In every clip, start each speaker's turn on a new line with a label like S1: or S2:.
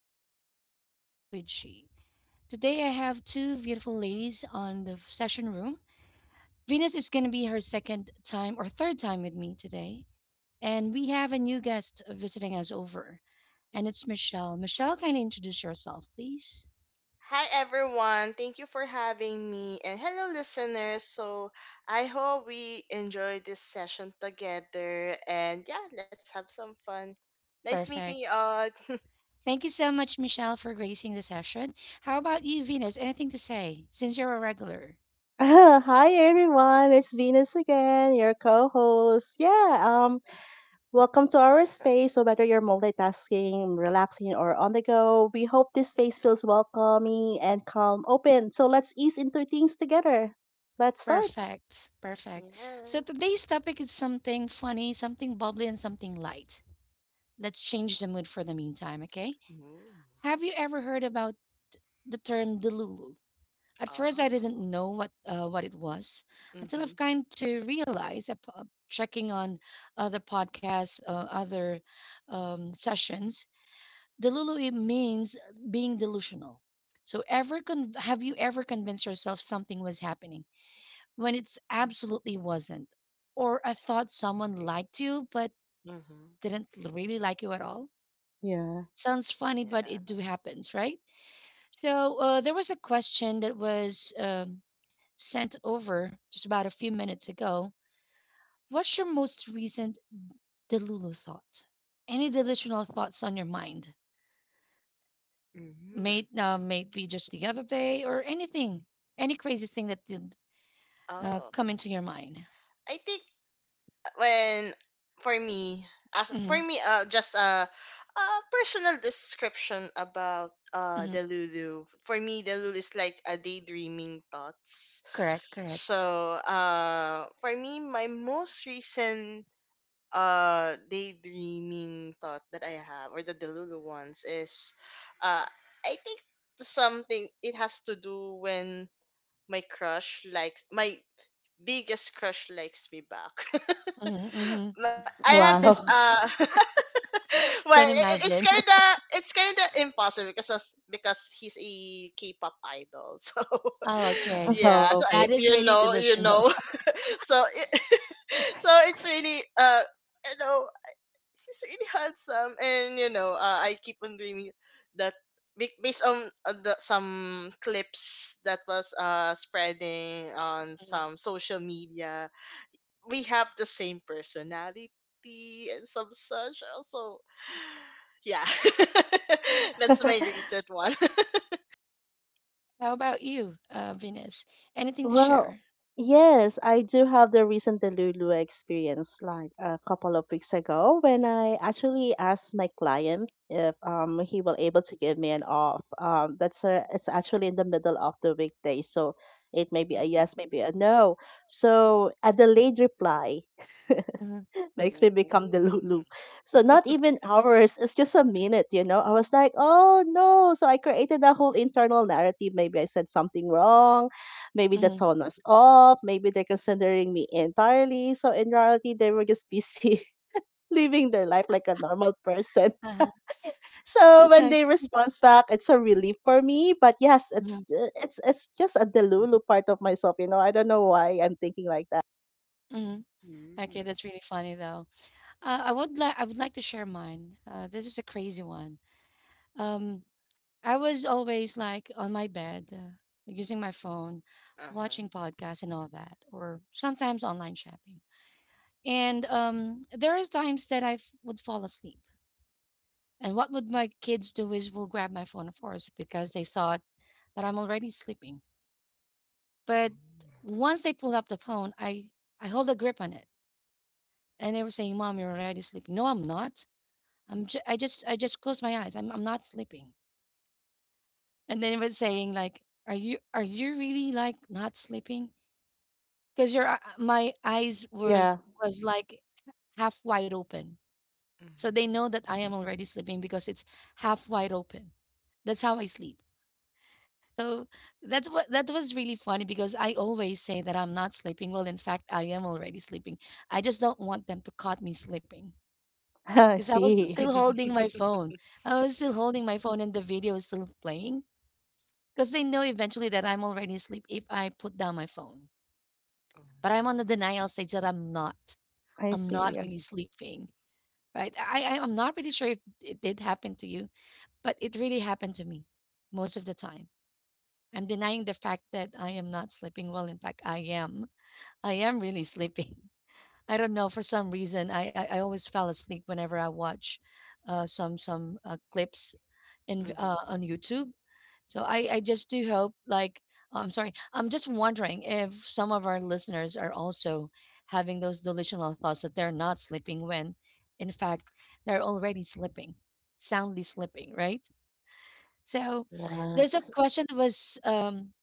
S1: at Daily Talk with She. Today, I have two beautiful ladies on the session room. Venus is going to be her second time or third time with me today. And we have a new guest visiting us over, and it's Michelle. Michelle, kindly introduce yourself, please.
S2: Hi everyone, thank you for having me, and hello listeners. So I hope we enjoy this session together, and yeah, let's have some fun. Nice meeting you
S1: Perfect.
S2: all.
S1: Thank you so much, Michelle, for gracing the session. How about you, Venus? Anything to say since you're a regular?
S3: Hi everyone, it's Venus again, your co-host. Yeah, Welcome to our space. So whether you're multitasking, relaxing, or on the go, we hope this space feels welcoming and calm, open. So let's ease into things together. Let's start.
S1: Perfect. Perfect.
S2: Yeah.
S1: So today's topic is something funny, something bubbly, and something light. Let's change the mood for the meantime, okay?
S2: Mm.
S1: Have you ever heard about the term Delulu? At first,
S2: Oh.
S1: I didn't know what it was until
S2: Mhm.
S1: I've kind to realize, checking on other podcasts, other sessions, Delulu it means being delusional. So, have you ever convinced yourself something was happening, when it's absolutely wasn't, or I thought someone liked you but
S2: Mhm.
S1: didn't really like you at all.
S3: Yeah.
S1: Sounds funny, but it
S2: Yeah.
S1: do happens, right? So there was a question that was sent over just about a few minutes ago. What's your most recent Delulu thought? Any delusional thoughts on your mind?
S2: Mhm.
S1: Maybe just the other day or anything, any crazy thing that did
S2: Oh,
S1: come into your mind.
S2: I think when for me as for
S1: hmm
S2: me, just a personal description about,
S1: hmm
S2: the lulu. For me, the lulu is like a daydreaming thoughts.
S1: Correct, correct.
S2: So, for me, my most recent daydreaming thought that I have, or the delulu ones, is, uh I think something. It has to do when my biggest crush likes me back.
S1: Mm-hmm, mm-hmm.
S2: I have this,
S3: Wow.
S2: well,
S1: Can
S2: it's
S1: imagine.
S2: kind of, impossible, because he's a K-pop idol. So
S1: Oh, okay.
S2: yeah, so
S3: Okay.
S1: That
S2: if
S1: is
S2: you
S1: really
S2: know, you
S1: delusional.
S2: know. so i- so it's really, you know he's really handsome. And I keep on dreaming that, based on, some clips that was spreading on
S1: Mm.
S2: some social media. We have the same personality and some such. Also, yeah, that's my recent one.
S1: How about you, Venus? Anything to
S3: Well,
S1: share?
S3: yes, I do have the recent Delulu experience like a couple of weeks ago when I actually asked my client if he will able to give me an off. That's it's actually in the middle of the weekday, so it may be a
S2: Mhm.
S3: yes, maybe a no. So a delayed reply
S1: Mm-hmm.
S3: makes me
S2: Ooh.
S3: become the Lulu. So not even hours, it's just a minute, you know. I was like, oh no. So I created a whole internal narrative. Maybe I said something wrong. Maybe the
S1: Mm-hmm.
S3: tone was off. Maybe they're considering me entirely. So in reality, they were just busy living their life like a normal person.
S1: Uh-huh.
S3: So when
S1: Okay.
S3: they respond back, it's a relief for me. But yes,
S1: Mhm,
S3: it's just a delulu part of myself, you know. I don't know why I'm thinking like that.
S1: mhm. Okay,
S2: Mm.
S1: that's really funny though. I would like to share mine. This is a crazy one. Um, I was always like on my bed, using my phone,
S2: Uh-huh.
S1: watching podcasts and all that, or sometimes online shopping. And there is times that I would fall asleep. And what would my kids do is will grab my phone, of course, because they thought that I'm already sleeping. But
S2: Mm.
S1: once they pulled up the phone, I hold a grip on it, and they were saying, "Mom, you're already sleeping." No, I'm not. I just closed my eyes. I'm not sleeping. And then it was saying like, "Are you really like not sleeping?" Because my eyes was
S3: Yeah.
S1: was like half wide open, so they know that I am already sleeping because it's half wide open. That's how I sleep. So that was really funny because I always say that I'm not sleeping. Well, in fact, I am already sleeping. I just don't want them to caught me sleeping
S3: I
S1: because I was
S3: see.
S1: still
S2: Mhm.
S1: holding my phone. I was still holding my phone and the video is still playing because they know eventually that I'm already asleep if I put down my phone. But I'm on the denial stage that I'm not.
S3: I
S1: I'm not
S3: see.
S1: really sleeping, right? I'm not really sure if it did happen to you, but it really happened to me most of the time I'm denying the fact that I am not sleeping well. In fact, I am. I am really sleeping. I don't know. For some reason, I always fell asleep whenever I watch some clips in
S2: Mhm.
S1: on YouTube. So I just do hope like oh, I'm sorry. I'm just wondering if some of our listeners are also having those delusional thoughts that they're not sleeping when, in fact, they're already sleeping, soundly sleeping, right? So there's a
S3: Yes.
S1: question that was um,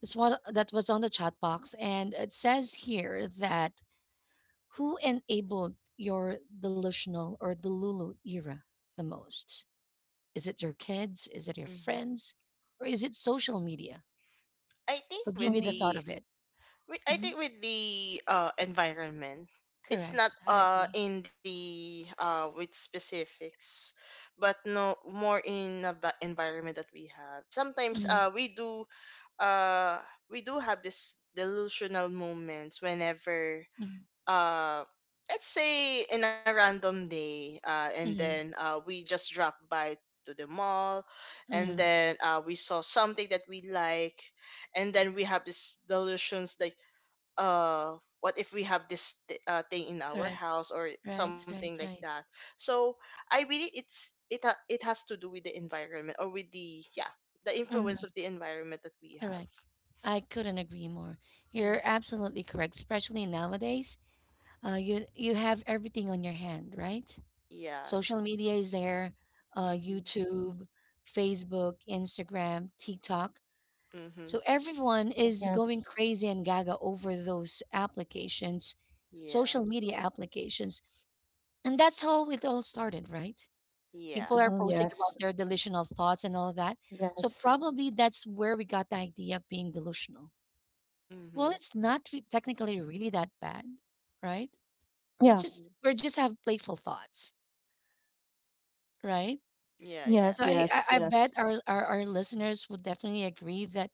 S1: that's what that was on the chat box, and it says here that who enabled your delusional or delulu era the most? Is it your kids? Is it your
S2: Mhm.
S1: friends? Or is it social media?
S2: I think
S1: Who give
S2: with
S1: you the
S3: Mm,
S1: thought
S2: the
S1: of it?
S2: We, I
S1: hmm
S2: think with the, environment. It's not,
S1: Correct. I agree.
S2: in the with specifics, but no more in, the environment that we have. Sometimes,
S1: hmm
S2: uh we do have this delusional moments whenever, uh let's say in a random day, and
S1: hmm
S2: then, we just drop by to the mall, and
S1: hmm
S2: then, we saw something that we like, and then we have these delusions that, what if we have this, thing in our
S1: Correct.
S2: house, or
S1: Right.
S2: something
S1: Right.
S2: like
S1: Right.
S2: that. So I believe it has to do with the environment, or with the, yeah, the
S1: hmm
S2: influence of the environment that we have.
S1: Correct. I couldn't agree more.
S2: Mm.
S1: You're absolutely correct, especially nowadays. You have everything on your hand, right?
S2: Yeah.
S1: Social media is there,
S2: Mhm.
S1: YouTube, Facebook, Instagram, TikTok.
S2: Mhm.
S1: So everyone is going
S3: yes.
S1: crazy and gaga over those applications,
S2: Yeah.
S1: social media applications. And that's how it all started, right? People
S2: Yeah.
S1: are
S3: Mhm,
S1: posting about
S3: yes.
S1: their delusional thoughts and all of that. So
S3: Yes.
S1: probably that's where we got the idea of being delusional. Well,
S2: Mhm.
S1: it's not re- technically really that bad, right? It's
S3: Yeah.
S1: just,
S2: Mhm.
S1: we are just have playful thoughts, right?
S2: Yeah. Yeah.
S3: Yes.
S1: So I, I
S3: Yes.
S1: I
S3: Yes.
S1: bet our listeners would definitely agree that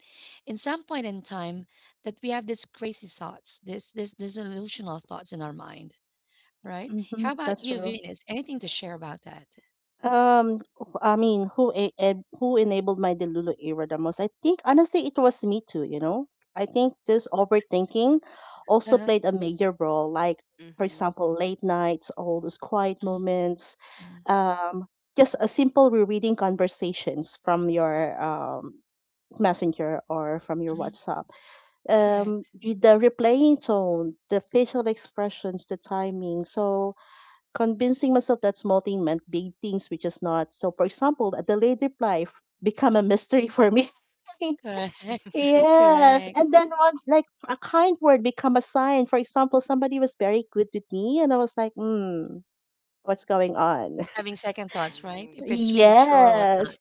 S1: in some point in time that we have these crazy thoughts, this delusional thoughts in our mind, right?
S3: Mm-hmm.
S1: How about
S3: That's
S1: you,
S3: true.
S1: Venus? Anything to share about that?
S3: I mean, who enabled my Delulu era the most? I think honestly, it was me too. You know, I think this overthinking also
S1: Uh-huh.
S3: played a major role. Like, for
S2: Mhm.
S3: example, late nights, all those quiet moments,
S1: Mm-hmm.
S3: um, just a simple rereading conversations from your messenger or from your WhatsApp
S1: Correct.
S3: the replaying tone, the facial expressions, the timing. So convincing myself that small thing meant big things, which is not. So for example, a delayed reply become
S1: Mm,
S3: a mystery for me.
S1: correct.
S2: Mm.
S3: Yes,
S1: Correct.
S3: and then one like a kind word become a sign. For example, somebody was very good with me, and I was like, "Hmm, what's going on?"
S1: Having second thoughts, right? If it's really true or whatnot.
S3: Yes,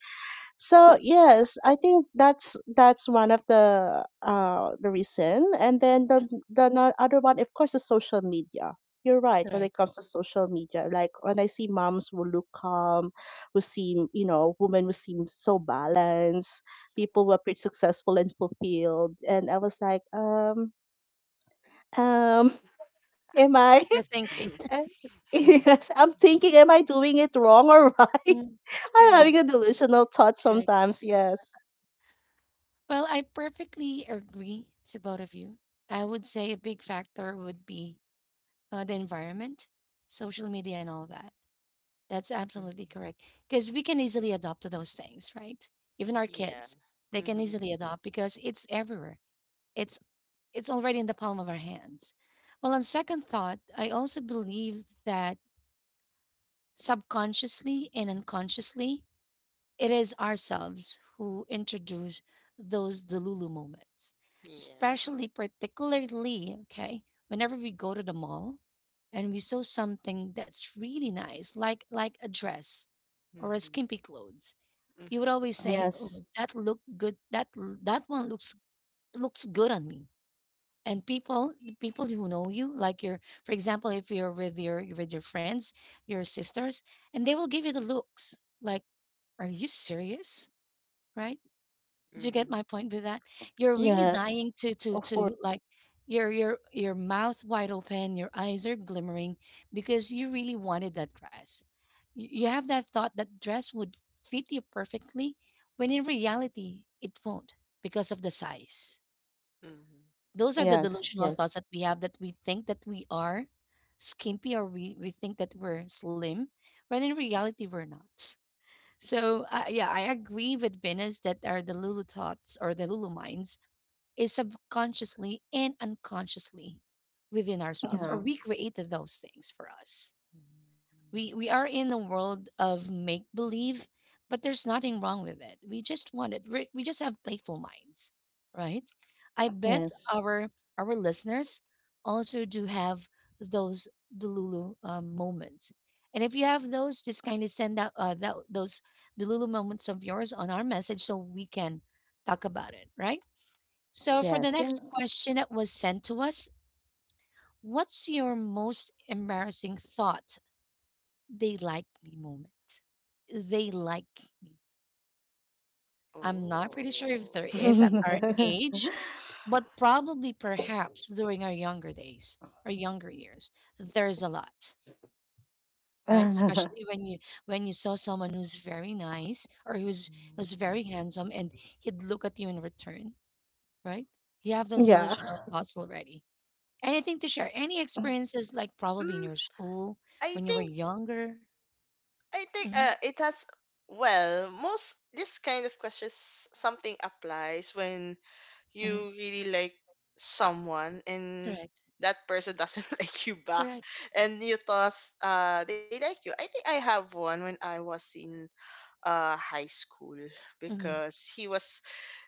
S3: so yes, I think that's one of the reason. And then the other one, of course, is social media. You're right when it
S1: Correct.
S3: comes to social media. Like when I see moms who look calm, who seem you know women who seem so balanced,
S1: Mhm.
S3: people who appear successful and fulfilled, and I was like, um, am I?
S1: You're thinking.
S3: Yes, I'm thinking, am I doing it wrong or right?
S1: Mm,
S3: I'm having
S1: correct.
S3: a delusional thought
S1: Correct.
S3: sometimes. Yes,
S1: Well, I perfectly agree to both of you. I would say a big factor would be the environment, social media, and all that. That's
S2: Mhm.
S1: absolutely correct. Because we can easily adopt to those things, right? Even our
S2: Yeah.
S1: kids, they can
S2: Mhm.
S1: easily adopt because it's everywhere. It's it's already in the palm of our hands. Well, on second thought, I also believe that subconsciously and unconsciously, it is ourselves who introduce those Delulu moments.
S2: Yeah.
S1: Especially, particularly, okay, whenever we go to the mall and we saw something that's really nice, like a dress or a
S2: Mhm.
S1: skimpy clothes, you would
S2: Mhm.
S1: always say,
S3: yes.
S1: "Oh, that look good. That one looks good on me." And people who know you, like your, for example, if you're with your friends, your sisters, and they will give you the looks like, "Are you serious?" Right? Did you get
S2: Mhm.
S1: my point with that? You're
S2: Yeah.
S1: really
S3: Yes.
S1: dying to
S3: Of course.
S1: like your mouth wide open, your eyes are glimmering because you really wanted that dress. You have that thought that dress would fit you perfectly, when in reality it won't because of the size.
S2: Mhm.
S1: Those are the
S3: Yes.
S1: delusional
S3: Yes.
S1: thoughts that we have that we think that we are skimpy or we think that we're slim, when in reality we're not. So yeah, I agree with Venus that are the Lulu thoughts or the Lulu minds is subconsciously and unconsciously within ourselves,
S3: Yeah.
S1: or we created those things for us. We are in a world of make believe, but there's nothing wrong with it. We just want it. We just have playful minds, right? I bet
S3: Yes.
S1: our listeners also do have those Delulu moments. And if you have those, just kindly send out those Delulu moments of yours on our message so we can talk about it, right? So for the
S3: Yes.
S1: next
S3: Yes.
S1: question that was sent to us, what's your most embarrassing thought they like me moment. They like me. I'm not pretty sure if
S2: Oh.
S1: there is at our age, but probably perhaps during our younger years, there's a lot, right? Especially when you saw someone who's very nice or who's
S2: Mm.
S1: very handsome and he'd look at you in return, right? You have those
S3: yeah.
S1: illusional thoughts already. Anything to share? Any experiences like probably in
S2: Mm,
S1: your school
S2: I
S1: when you were
S2: think
S1: younger?
S2: I think,
S1: hmm
S2: it has, well, most this kind of questions something applies when
S1: hmm
S2: you really like someone, and
S1: Correct.
S2: that person doesn't like you back,
S1: Correct.
S2: and you thought they like you. I think I have one when I was in, high school,
S1: Mhm.
S2: because he was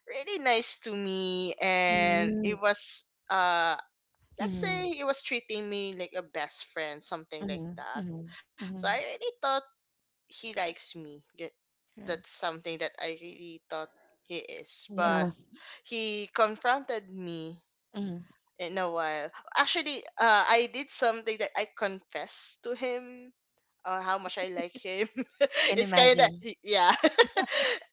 S2: really nice to me, and
S1: Mm.
S2: it was, uh let's
S1: Mhm.
S2: say, he was treating me like a best friend, something like
S1: Mhm.
S2: that.
S1: Mhm.
S2: So I
S1: Mhm.
S2: really thought he likes me.
S1: Correct.
S2: That's something that I really thought he is. But
S3: Yeah.
S2: he confronted me
S1: Mhm.
S2: in a while. Actually, I did something that I confessed to him, how much I like him.
S1: Can
S2: It's kind of,
S1: imagine.
S2: yeah.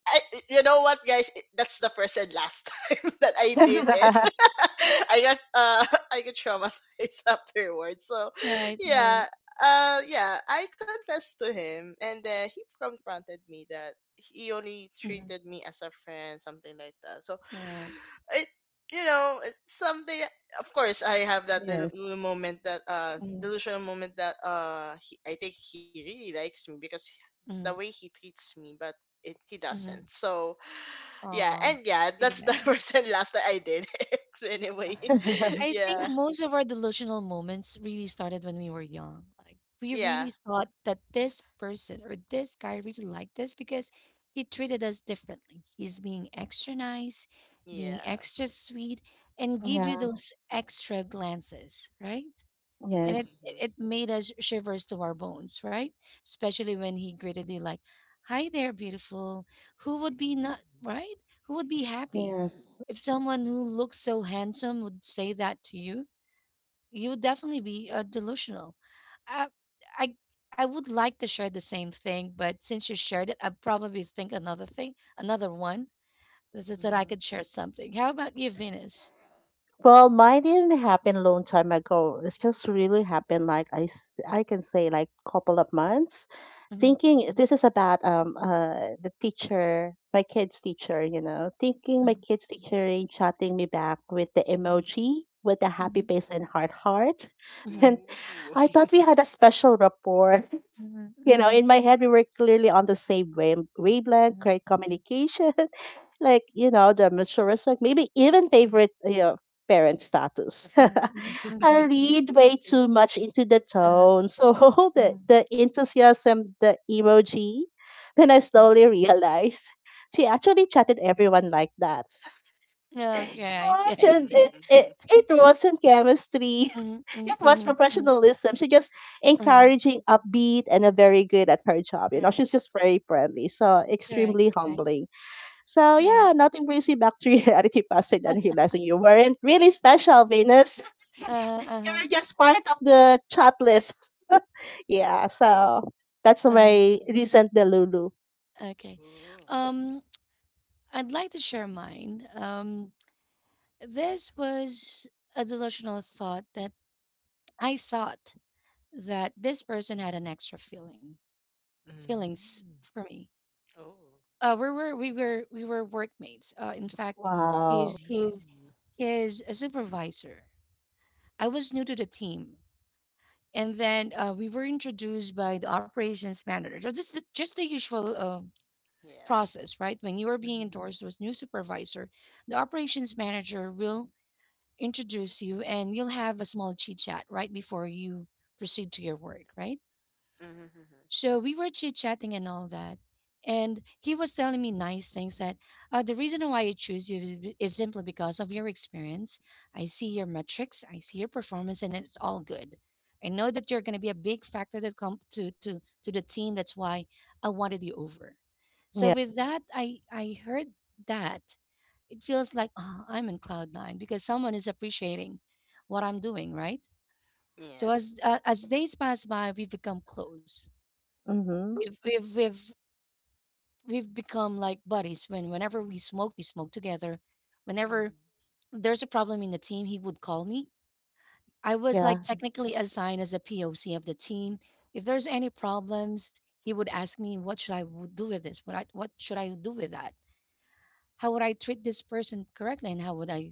S2: I, you know what, guys? That's the first and last time that I did it. I got, I got traumatized afterwards. So
S1: Right.
S2: yeah,
S1: Right.
S2: yeah, I confessed to him, and then he confronted me that he only
S1: Mhm.
S2: treated me as a friend, something like that. So
S1: Correct.
S2: it, it's something. Of course I have that
S3: yes.
S2: little moment, that,
S1: Mhm.
S2: delusional moment, that, he, I think he really likes me because the way
S1: Mhm.
S2: he treats me, but he doesn't.
S1: Mhm.
S2: So yeah,
S1: Aw,
S2: and yeah,
S1: pretty
S2: that's the
S1: bad.
S2: first and last that I did it. Anyway,
S1: I think
S2: yeah,
S1: most of our delusional moments really started when we were young. Like we
S2: yeah,
S1: really thought that this person or this guy really liked us because he treated us differently. He's being extra nice, being
S2: yeah.
S1: extra sweet, and give
S3: yeah.
S1: you those extra glances, right? And it
S3: Yes.
S1: it
S2: Mm-hmm.
S1: it made us shivers to our bones, right? Especially when he greeted you like, "Hi there, beautiful." Who would be not right? Who would be happy
S3: Yes.
S1: if someone who looks so handsome would say that to you? You would definitely be delusional. I, I I would like to share the same thing, but since you shared it, I probably think another thing, another one that I
S2: Mm-hmm.
S1: could share something. How about you, Venus?
S3: Well, mine didn't happen a long time ago. It's just really happened like I can say like couple of months.
S1: Mm-hmm,
S3: Thinking this is about the teacher, my kid's teacher, you know. Thinking my
S1: mm-hmm,
S3: kid's teacher is chatting me back with the emoji with the happy
S1: mm-hmm,
S3: face and heart.
S1: mm-hmm,
S3: And
S2: Ooh.
S3: I thought we had a special rapport,
S1: mm-hmm, mm-hmm,
S3: you know,
S1: mm-hmm,
S3: in my head, we were clearly on the same wavelength,
S1: mm-hmm.
S3: great communication, like, you know, the mutual respect, maybe even favorite, you know, parent status.
S1: Mhm, mhm,
S3: I
S1: mhm. I
S3: read
S1: see, I
S3: way
S1: see.
S3: too much into the
S1: Uh-huh.
S3: tone. So
S1: Mhm,
S3: the enthusiasm, the emoji, then I
S1: mhm.
S3: slowly realized she actually chatted everyone like that. It
S1: Okay, I see, I
S3: wasn't,
S1: see.
S2: Mm.
S3: it wasn't chemistry,
S1: Mhm, mhm,
S3: it was
S1: mhm, mhm.
S3: professionalism. She just
S1: Uh-huh.
S3: encouraging, upbeat, and a very good at her job. You know,
S1: Correct,
S3: she's just very friendly, so
S1: correct,
S3: extremely
S1: correct.
S3: humbling. So
S1: Right.
S3: yeah, nothing brings you back to reality faster than realizing you weren't really special, Venus.
S1: Uh-huh,
S3: You
S1: uh-huh,
S3: were just part of the chat list. Yeah, so that's
S1: uh-huh.
S3: my recent Delulu.
S1: Okay.
S2: Ooh.
S1: Um, I'd like to share mine. This was a delusional thought that I thought that this person had an feelings
S2: Mm.
S1: for me.
S2: Oh.
S1: We were workmates. In fact,
S3: Wow.
S1: he's
S2: Mm.
S1: is a supervisor I was new to the team. And then we were introduced by the operations manager. So just the usual
S2: Yeah.
S1: process, right? When you are being
S2: Mhm.
S1: endorsed as new supervisor, the operations manager will introduce you and you'll have a small chit chat right before you proceed to your work, right?
S2: Mhm.
S1: So we were chit chatting and all that. And he was telling me nice things that the reason why I choose you is, is simply because of your experience. I see your metrics, I see your performance, and it's all good. I know that you're going to be a big factor that come to the team. That's why I wanted you over. So
S3: Yeah.
S1: with that, I heard that it feels like, oh, I'm in cloud nine because someone is appreciating what I'm doing, right? So
S2: Yeah.
S1: as days pass by, we become close.
S3: Mm-hmm.
S1: We've we've we've we've become like buddies. Whenever we smoke together. Whenever
S2: Mhm.
S1: there's a problem in the team, he would call me. I was
S3: Yeah.
S1: like technically assigned as a POC of the team. If there's any problems, he would ask me, "What should do with this? What should I do with that? How would I treat this person correctly, and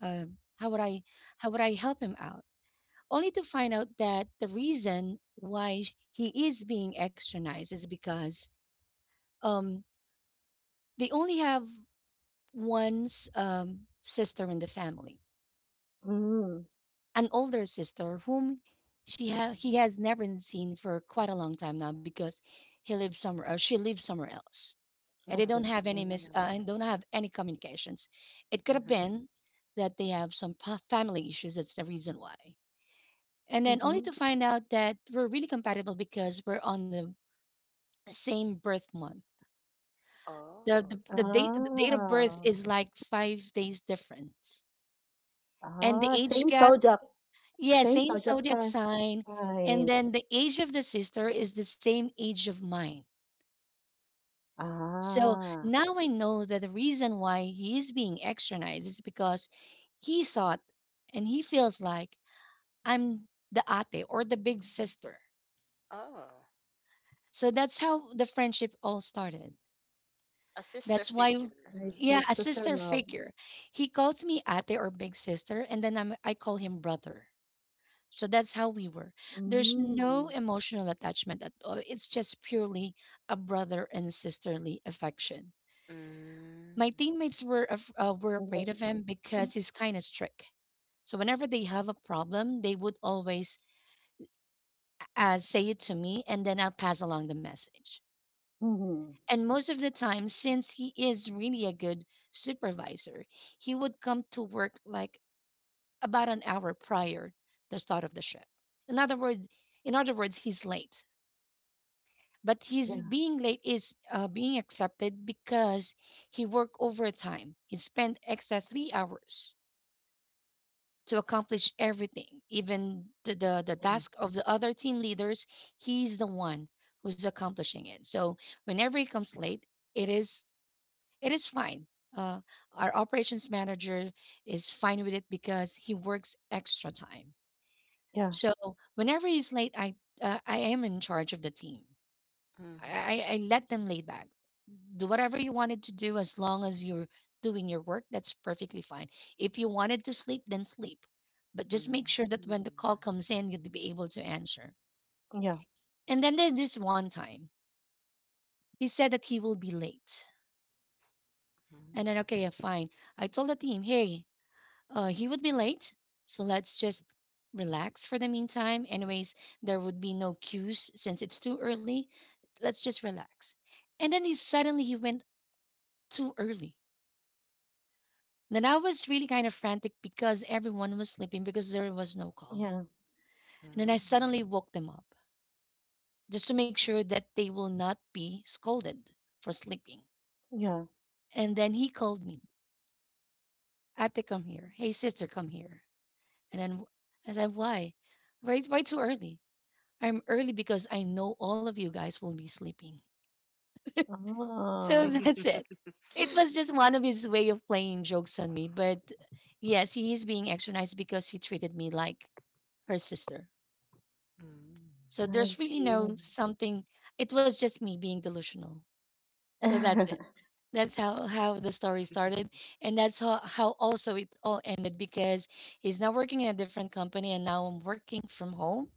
S1: uh, how would I, how would I help him out?" Only to find out that the reason why he is being extra nice is because um they only have one's sister in the family,
S3: Mm,
S1: an older sister whom
S2: Mhm.
S1: he has never seen for quite a long time now because he lives somewhere or she lives somewhere else, and
S3: I
S1: they don't
S3: see.
S2: Mm.
S1: have any
S3: Mm-hmm.
S1: mis- and don't have any communications. It could have
S2: Mhm.
S1: been that they have some family issues. That's the reason why. And then
S3: Mm-hmm.
S1: only to find out that we're really compatible because we're on the same birth month. The,
S2: Oh.
S1: the, the date the date of birth
S3: Ah.
S1: is like 5 days difference, and the
S3: Ah.
S1: age
S3: Same
S1: gap.
S3: subject.
S1: Yeah,
S3: Same
S1: same
S3: Sojak,
S1: zodiac
S3: sir.
S1: sign. And
S3: Right.
S1: then the age of the sister is the same age of mine. So
S3: Ah,
S1: now I know that the reason why he is being externized is because he thought and he feels like I'm the ate or the big sister.
S2: Oh.
S1: So that's how the friendship all started.
S2: A sister
S1: That's why,
S2: figure.
S3: I
S2: Hmm.
S3: see.
S1: yeah, a
S3: Sister
S1: sister
S3: love.
S1: figure. He calls me ate or big sister, and then I call him brother. So that's how we were. There's no
S3: Mm.
S1: emotional attachment at all. It's just purely a brother and sisterly affection.
S2: Mm.
S1: My teammates were afraid of
S3: Yes.
S1: him because he's kind of strict. So whenever they have a problem, they would always say it to me, and then I'll pass along the message.
S3: Mm-hmm.
S1: And most of the time, since he is really a good supervisor, he would come to work like about an hour prior the start of the shift. In other words, in other words, he's late. But his
S3: Yeah.
S1: being late is being accepted because he worked overtime. He spent extra 3 hours to accomplish everything, even the task of the
S3: Yes.
S1: other team leaders. He's the one who's accomplishing it. So whenever he comes late, it is it is fine. Uh, our operations manager is fine with it because he works extra time.
S3: Yeah.
S1: So whenever he's late, I am in charge of the team. I,
S2: Mhm.
S1: I let them laid back. Do whatever you wanted to do as long as you're doing your work, that's perfectly fine. If you wanted to sleep, then sleep. But just make sure that when the
S2: Mhm.
S1: call comes in, you'd be able to answer.
S3: Yeah.
S1: And then there's this one time. He said that he will be late. And then, okay, yeah, fine. I told the team, hey, he would be late. So let's just relax for the meantime. Anyways, there would be no cues since it's too early. Let's just relax. And then he suddenly he went too early. Then I was really kind of frantic because everyone was sleeping because there was no call.
S3: Yeah.
S1: And then I suddenly woke them up just to make sure that they will not be scolded for sleeping.
S3: Yeah.
S1: And then he called me, "Ate, come here. Hey, sister, come here." And then I said, "Why? Why too early?" "I'm early because I know all of you guys will be sleeping."
S3: Ah,
S1: So that's it.
S2: Mm.
S1: It was just one of his way of playing jokes on me. But yes, he is being extra nice because he treated me like her sister.
S2: Mm. Mm.
S1: So
S3: I
S1: there's really
S3: see.
S1: no something. It was just me being delusional. So that's it. That's how the story started, and that's how also it all ended because he's now working in a different company, and now I'm working from home.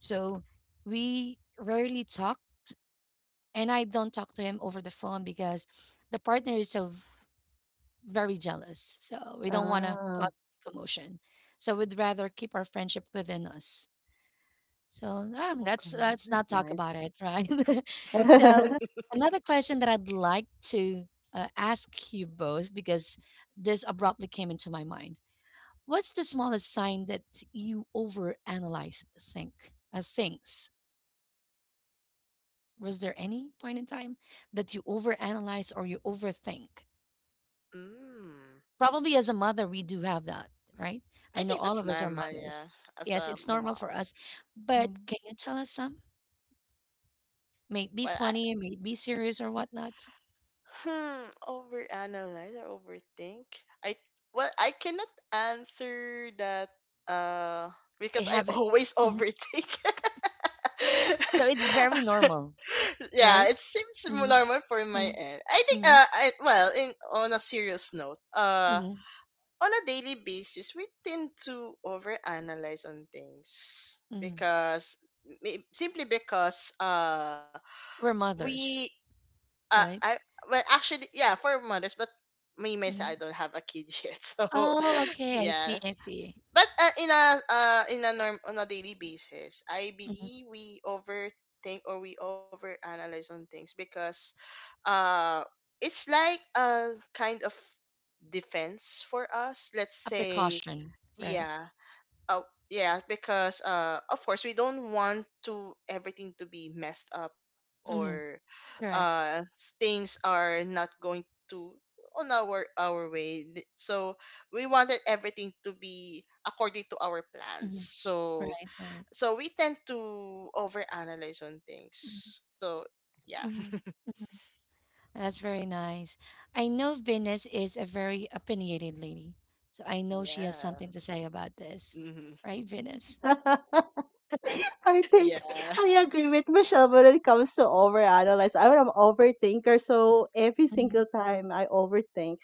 S1: So we rarely talk, and I don't talk to him over the phone because the partner is so very jealous. So we don't want to
S3: ah,
S1: cause commotion. So we'd rather keep our friendship within us. So let's
S3: okay.
S1: let's not
S3: That's
S1: talk about
S3: nice.
S1: it, right? So another question that I'd like to ask you both, because this abruptly came into my mind. What's the smallest sign that you overanalyze, think, things? Was there any point in time that you overanalyze or you overthink?
S2: Mm.
S1: Probably as a mother, we do have that, right? I
S2: I
S1: know
S2: think
S1: all
S2: that's
S1: of us are
S2: normal,
S1: mothers.
S2: yeah, as
S1: Yes,
S2: a
S1: it's normal for
S2: mom.
S1: us, but
S3: Um,
S1: can you tell us some? May it
S2: Well,
S1: be funny, may it be serious or whatnot.
S2: Overanalyze or overthink? I Well, I cannot answer that, uh
S1: I
S2: because I
S1: have it.
S2: always
S1: Mhm.
S2: overthink.
S1: So it's very normal,
S2: Yeah, it
S1: right?
S2: seems,
S1: Hmm.
S2: normal for my
S1: Hmm.
S2: end. I think,
S1: Hmm.
S2: I well, in on a serious note,
S1: Hmm.
S2: on a daily basis we tend to overanalyze on things
S1: Hmm.
S2: because, simply because,
S1: We're
S2: we
S1: mothers,
S2: I
S1: right?
S2: well, actually, yeah, for mothers, but me myself, I
S1: Hmm.
S2: don't have a kid yet, so
S1: Oh, okay. I see.
S2: yeah.
S1: I see.
S2: But, in a norm, on a daily basis, I
S1: Hmm.
S2: believe we overthink or we overanalyze on things because, uh it's like a kind of defense for us. Let's
S1: A
S2: say.
S1: precaution, right?
S2: Yeah. Oh, yeah, because, of course, we don't want to everything to be messed up,
S1: Hmm.
S2: or,
S1: Correct.
S2: things are not going to on our way. So we wanted everything to be according to our plans.
S1: Hmm. Right.
S2: So
S1: Right.
S2: so we tend to overanalyze on things.
S1: Mm-hmm.
S2: So yeah.
S1: Hmm. That's very nice. I know Venus is a very opinionated lady, so I know she has
S2: Yeah.
S1: something to say about this,
S2: Hmm.
S1: right, Venus?
S3: I think
S2: Yeah.
S3: I agree with Michelle when it comes to overanalyze. I'm an overthinker, so every
S1: Mm-hmm.
S3: single time I overthink.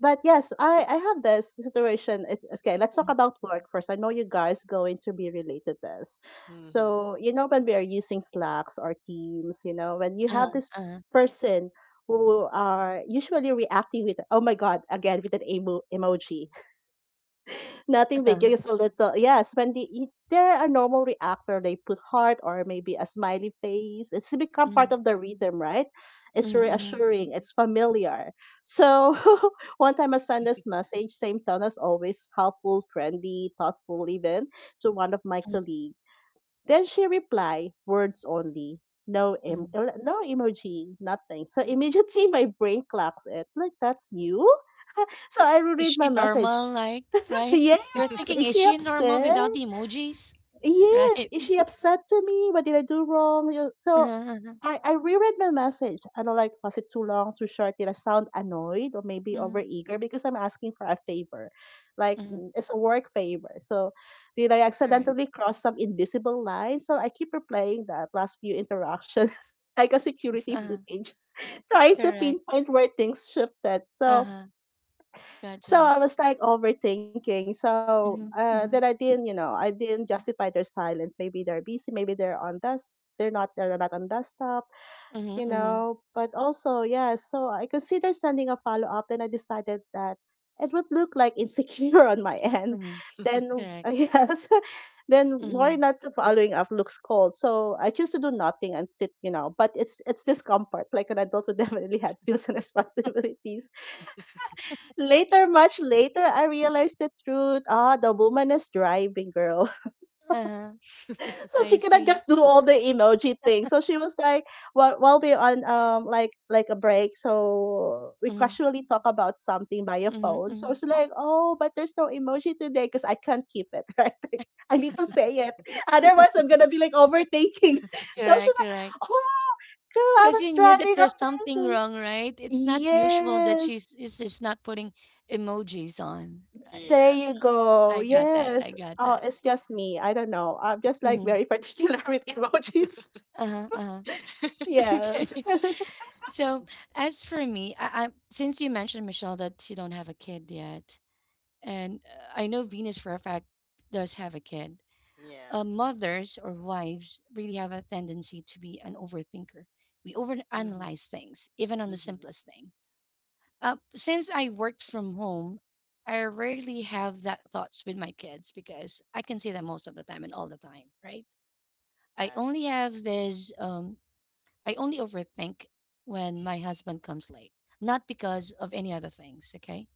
S3: But yes, I have this situation. It, okay, let's talk about work first. I know you guys going to be related this.
S2: Hmm.
S3: So, you know, when we are using Slacks or Teams, you know, when you have this
S1: Uh-huh.
S3: person who are usually reacting with, oh my God, again, with an emoji. Nothing big,
S1: Uh-huh.
S3: just a little. Yes, if they're a normal reactor, they put heart or maybe a smiley face. It's become part
S1: Mhm.
S3: of the rhythm, right? It's
S1: Mhm, mhm,
S3: reassuring, it's familiar. So, one time I sent this message, same tone as always, helpful, friendly, thoughtful, even to one of my
S1: mhm,
S3: colleagues. Then she replied, words only. No,
S1: mhm,
S3: no emoji, nothing. So
S1: mhm.
S3: immediately my brain clocks it. Like, that's new? So I
S1: Is
S3: reread my
S1: she
S3: message.
S1: normal, like, right?
S3: Yes,
S1: You're thinking,
S3: is
S1: is
S3: she
S1: she normal
S3: upset?
S1: without the emojis,
S2: Yeah.
S3: Yes,
S1: right?
S3: is she upset to me? What did I do wrong? You- So
S1: Uh-huh, uh-huh.
S3: I reread my message. I don't like, was it too long, too short? Did I sound annoyed or maybe
S1: Mhm,
S3: overeager? Because I'm asking for a favor. Like,
S1: mhm.
S3: mm, it's a work favor. So did I
S1: Correct.
S3: accidentally cross some invisible line? So I keep replaying that last few interactions. like a security
S1: Uh-huh.
S3: footage, trying to
S1: Correct.
S3: pinpoint where things shifted. So
S1: Uh-huh. Gotcha.
S3: I was like overthinking. So
S1: Mhm,
S3: uh, that I
S1: mhm,
S3: didn't, you know, I didn't justify their silence. Maybe they're busy. Maybe they're on desk. They're not. They're not on desktop.
S1: mhm,
S3: You
S1: mhm,
S3: know. But also, yeah. So I considered sending a follow up. Then I decided that it would look like insecure on my end.
S1: mhm.
S3: Then
S1: Correct.
S3: yes. Then why
S1: Mhm.
S3: not to following up looks cold. So I choose to do nothing and sit, you know. But it's discomfort. Like an adult would definitely had feels and responsibilities. Later, much later, I realized the truth. Ah, the woman is driving, girl.
S1: Uh-huh.
S3: So
S1: I
S3: she cannot
S1: see.
S3: just do all the emoji things. So she was like, while we're on like a break, so we
S1: Mhm,
S3: casually talk about something via
S1: mhm,
S3: phone. So
S1: mhm.
S3: it's like, oh, but there's no emoji today because I can't keep it, right? Like, I need to say it, otherwise I'm gonna be like overthinking. So she's
S1: Correct,
S3: like,
S1: correct.
S3: oh, girl, I
S1: Because
S3: was
S1: you knew that
S3: driving on
S1: there's something
S3: Thursday.
S1: wrong, right? It's not usual that
S3: Yes.
S1: she's is just not putting emojis on, right?
S3: There
S2: Yeah.
S3: you go.
S1: I got that. I
S3: Yes.
S1: got
S3: Oh,
S1: that.
S3: it's just me. I don't know. I'm just like
S1: Hmm.
S3: very particular with emojis.
S1: Uh-huh. Uh-huh. Okay.
S3: Yes.
S1: So as for me, I since you mentioned Michelle that you don't have a kid yet, and I know Venus for a fact does have a kid.
S2: Yeah.
S1: Mothers or wives really have a tendency to be an overthinker. We
S2: Hmm.
S1: overanalyze things, even on the
S2: Hmm.
S1: simplest thing. Since I worked from home, I rarely have that thoughts with my kids because I can see them most of the time and all the time, right? I
S2: Yeah.
S1: only have this um I only overthink when my husband comes late. Not because of any other things, okay?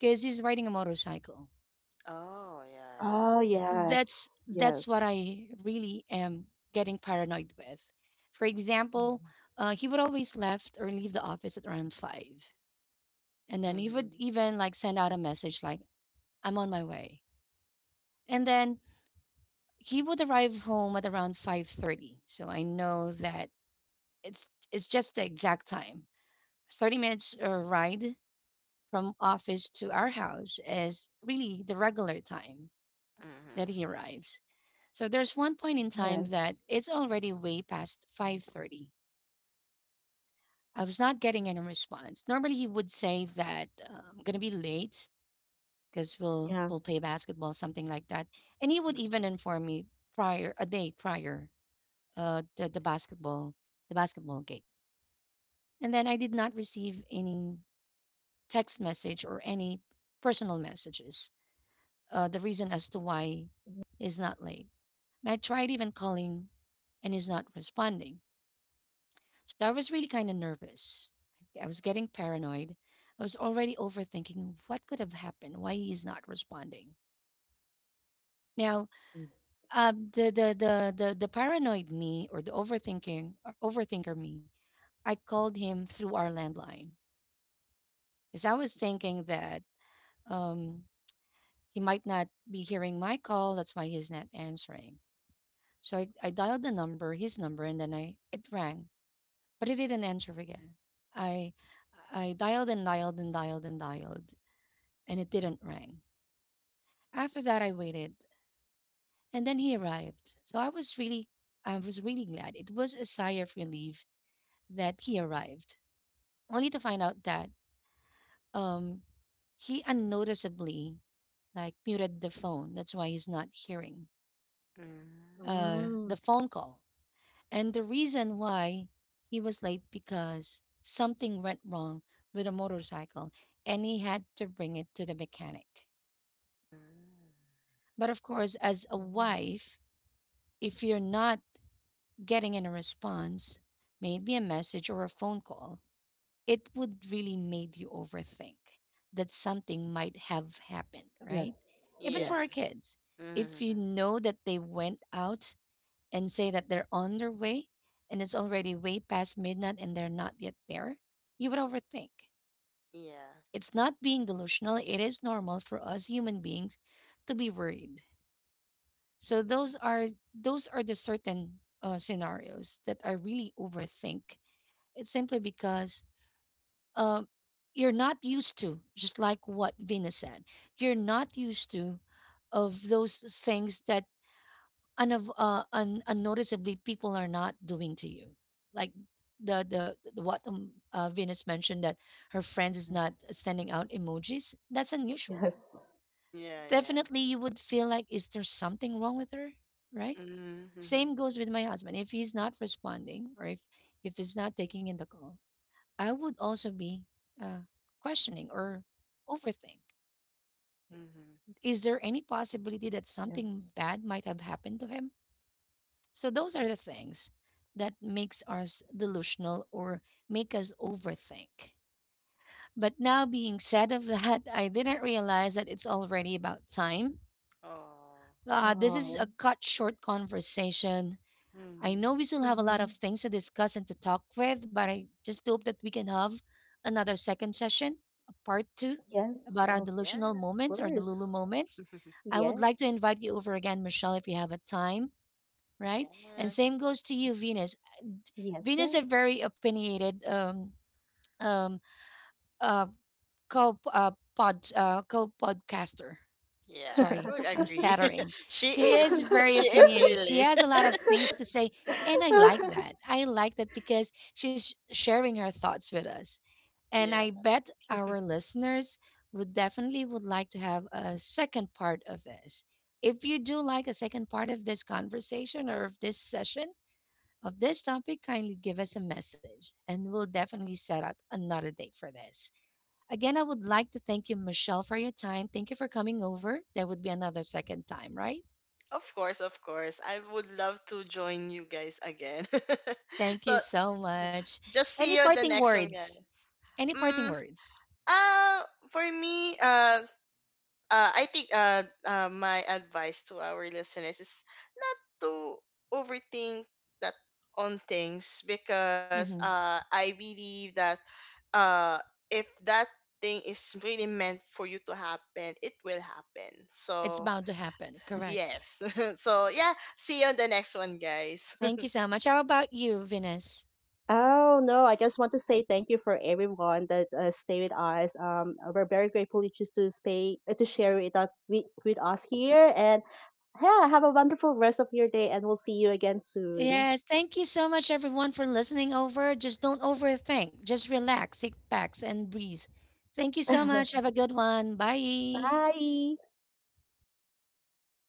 S1: Because he's riding a motorcycle.
S2: Oh, yeah, yeah.
S3: Oh,
S1: That's
S3: yes.
S1: that's what
S3: Yes.
S1: I really am getting paranoid with. For
S2: Mhm.
S1: example, he would always left or leave the office at around five. And then he would
S2: Mhm,
S1: even like send out a message like, I'm on my way. And then he would arrive home at around 5:30. So I know that it's it's just the exact time, 30 minutes ride from office to our house is really the regular time
S2: mhm,
S1: that he arrives. So there's one point in time that
S3: Yes.
S1: it's already way past 5:30. I was not getting any response. Normally he would say that I'm going to be late because we'll
S3: Yeah.
S1: we'll play basketball something like that. And he would even
S2: mhm,
S1: inform me prior, a day prior, uh the, the basketball the basketball game. And then I did not receive any text message or any personal messages. The reason as to why
S3: Mhm.
S1: he's not late. And I tried even calling and he's not responding. So I was really kind of nervous. I was getting paranoid. I was already overthinking what could have happened, why he's not responding. Now,
S3: Yes.
S1: the paranoid me, or the overthinking or overthinker me, I called him through our landline because I was thinking that um, he might not be hearing my call. That's why he's not answering. So I dialed the number, his number, and then I it rang, but he didn't answer again. I I dialed and dialed and dialed and dialed, and it didn't ring. After that, I waited, and then he arrived. So I was really glad. It was a sigh of relief that he arrived, only to find out that um he unnoticeably like muted the phone. That's why he's not hearing
S2: mm,
S3: Mm.
S1: the phone call. And the reason why he was late because something went wrong with a motorcycle and he had to bring it to the mechanic.
S2: mm.
S1: But of course, as a
S3: Mm.
S1: wife, if you're not getting in a response, maybe a message or a phone call, it would really made you overthink that something might have happened, right?
S3: Yes.
S1: Even
S2: Yeah.
S1: for our
S3: Yes.
S1: kids. If you
S2: Mhm.
S1: know that they went out and say that they're on their way and it's already way past midnight and they're not yet there, you would overthink.
S2: Yeah.
S1: It's not being delusional, it is normal for us human beings to be worried. So those are the certain scenarios that I really overthink. It's simply because um, you're not used to, just like what Venus said, you're not used to of those things that unnoticeably people are not doing to you, like the what venus mentioned, that her friends is not
S3: Yes.
S1: sending out emojis, that's unusual.
S3: Yes.
S2: Yeah, yeah.
S1: Definitely you would feel like, is there something wrong with her, right?
S2: Mhm,
S1: Same goes with my husband, if he's not responding, or if he's not taking in the call, I would also be uh, questioning, or overthink,
S2: mhm.
S1: is there any possibility that something
S3: Yes.
S1: bad might have happened to him? So those are the things that makes us delusional or make us overthink. But now being said of that, I didn't realize that it's already about time.
S2: Oh.
S1: This is a
S3: Oh.
S1: cut short conversation. I
S2: Mhm.
S1: know we still have a lot of
S3: hmm
S1: things to discuss and to talk with, but I just hope that we can have another second session, a part two,
S3: Yes,
S1: about our
S3: of
S1: delusional
S2: Yeah.
S1: moments or Delulu
S3: course.
S1: moments. I would like to
S3: Yes.
S1: invite you over again, Michelle, if you have a time, right? And
S2: Yeah.
S1: same goes to you, Venus.
S3: Yes,
S1: Venus are
S3: yes.
S1: very opinionated, um uh co uh, co podcaster.
S2: Yeah, I
S1: Sorry,
S2: would
S1: I'm
S2: agree.
S1: stuttering.
S2: She
S1: She is
S2: is.
S1: very
S2: She
S3: Yes.
S2: is
S1: opinionated. She
S2: really.
S1: has a lot of things to say, and I like that. I like that because she's sharing her thoughts with us. And
S2: Yeah.
S1: I bet our listeners would definitely would like to have a second part of this. If you do like a second part of this conversation or of this session, of this topic, kindly give us a message, and we'll definitely set out another date for this. Again, I would like to thank you, Michelle, for your time. Thank you for coming over. That would be another second time, right?
S2: Of course, of course. I would love to join you guys again.
S1: Thank
S2: So,
S1: you so much.
S2: just see you in
S1: Any
S2: the next
S1: parting
S2: one, guys.
S1: words? Any
S2: Mm.
S1: parting words?
S2: Uh, for me, I think, my advice to our listeners is not to overthink that on things because,
S1: Hmm.
S2: I believe that, uh, if that thing is really meant for you to happen, it will happen.
S1: It's
S2: So
S1: bound to happen, correct?
S2: yes. So yeah, see you on the next one, guys.
S1: Thank you so much. How about you, Venus?
S3: Oh no, I just want to say thank you for everyone that stay with us. We're very grateful you choose to stay to share with us with us here. And yeah, have a wonderful rest of your day, and we'll see you again soon.
S1: Yes, thank you so much, everyone, for listening over. Just don't overthink. Just relax, sit back, and breathe. Thank you so much. Have a good one. Bye.
S3: Bye.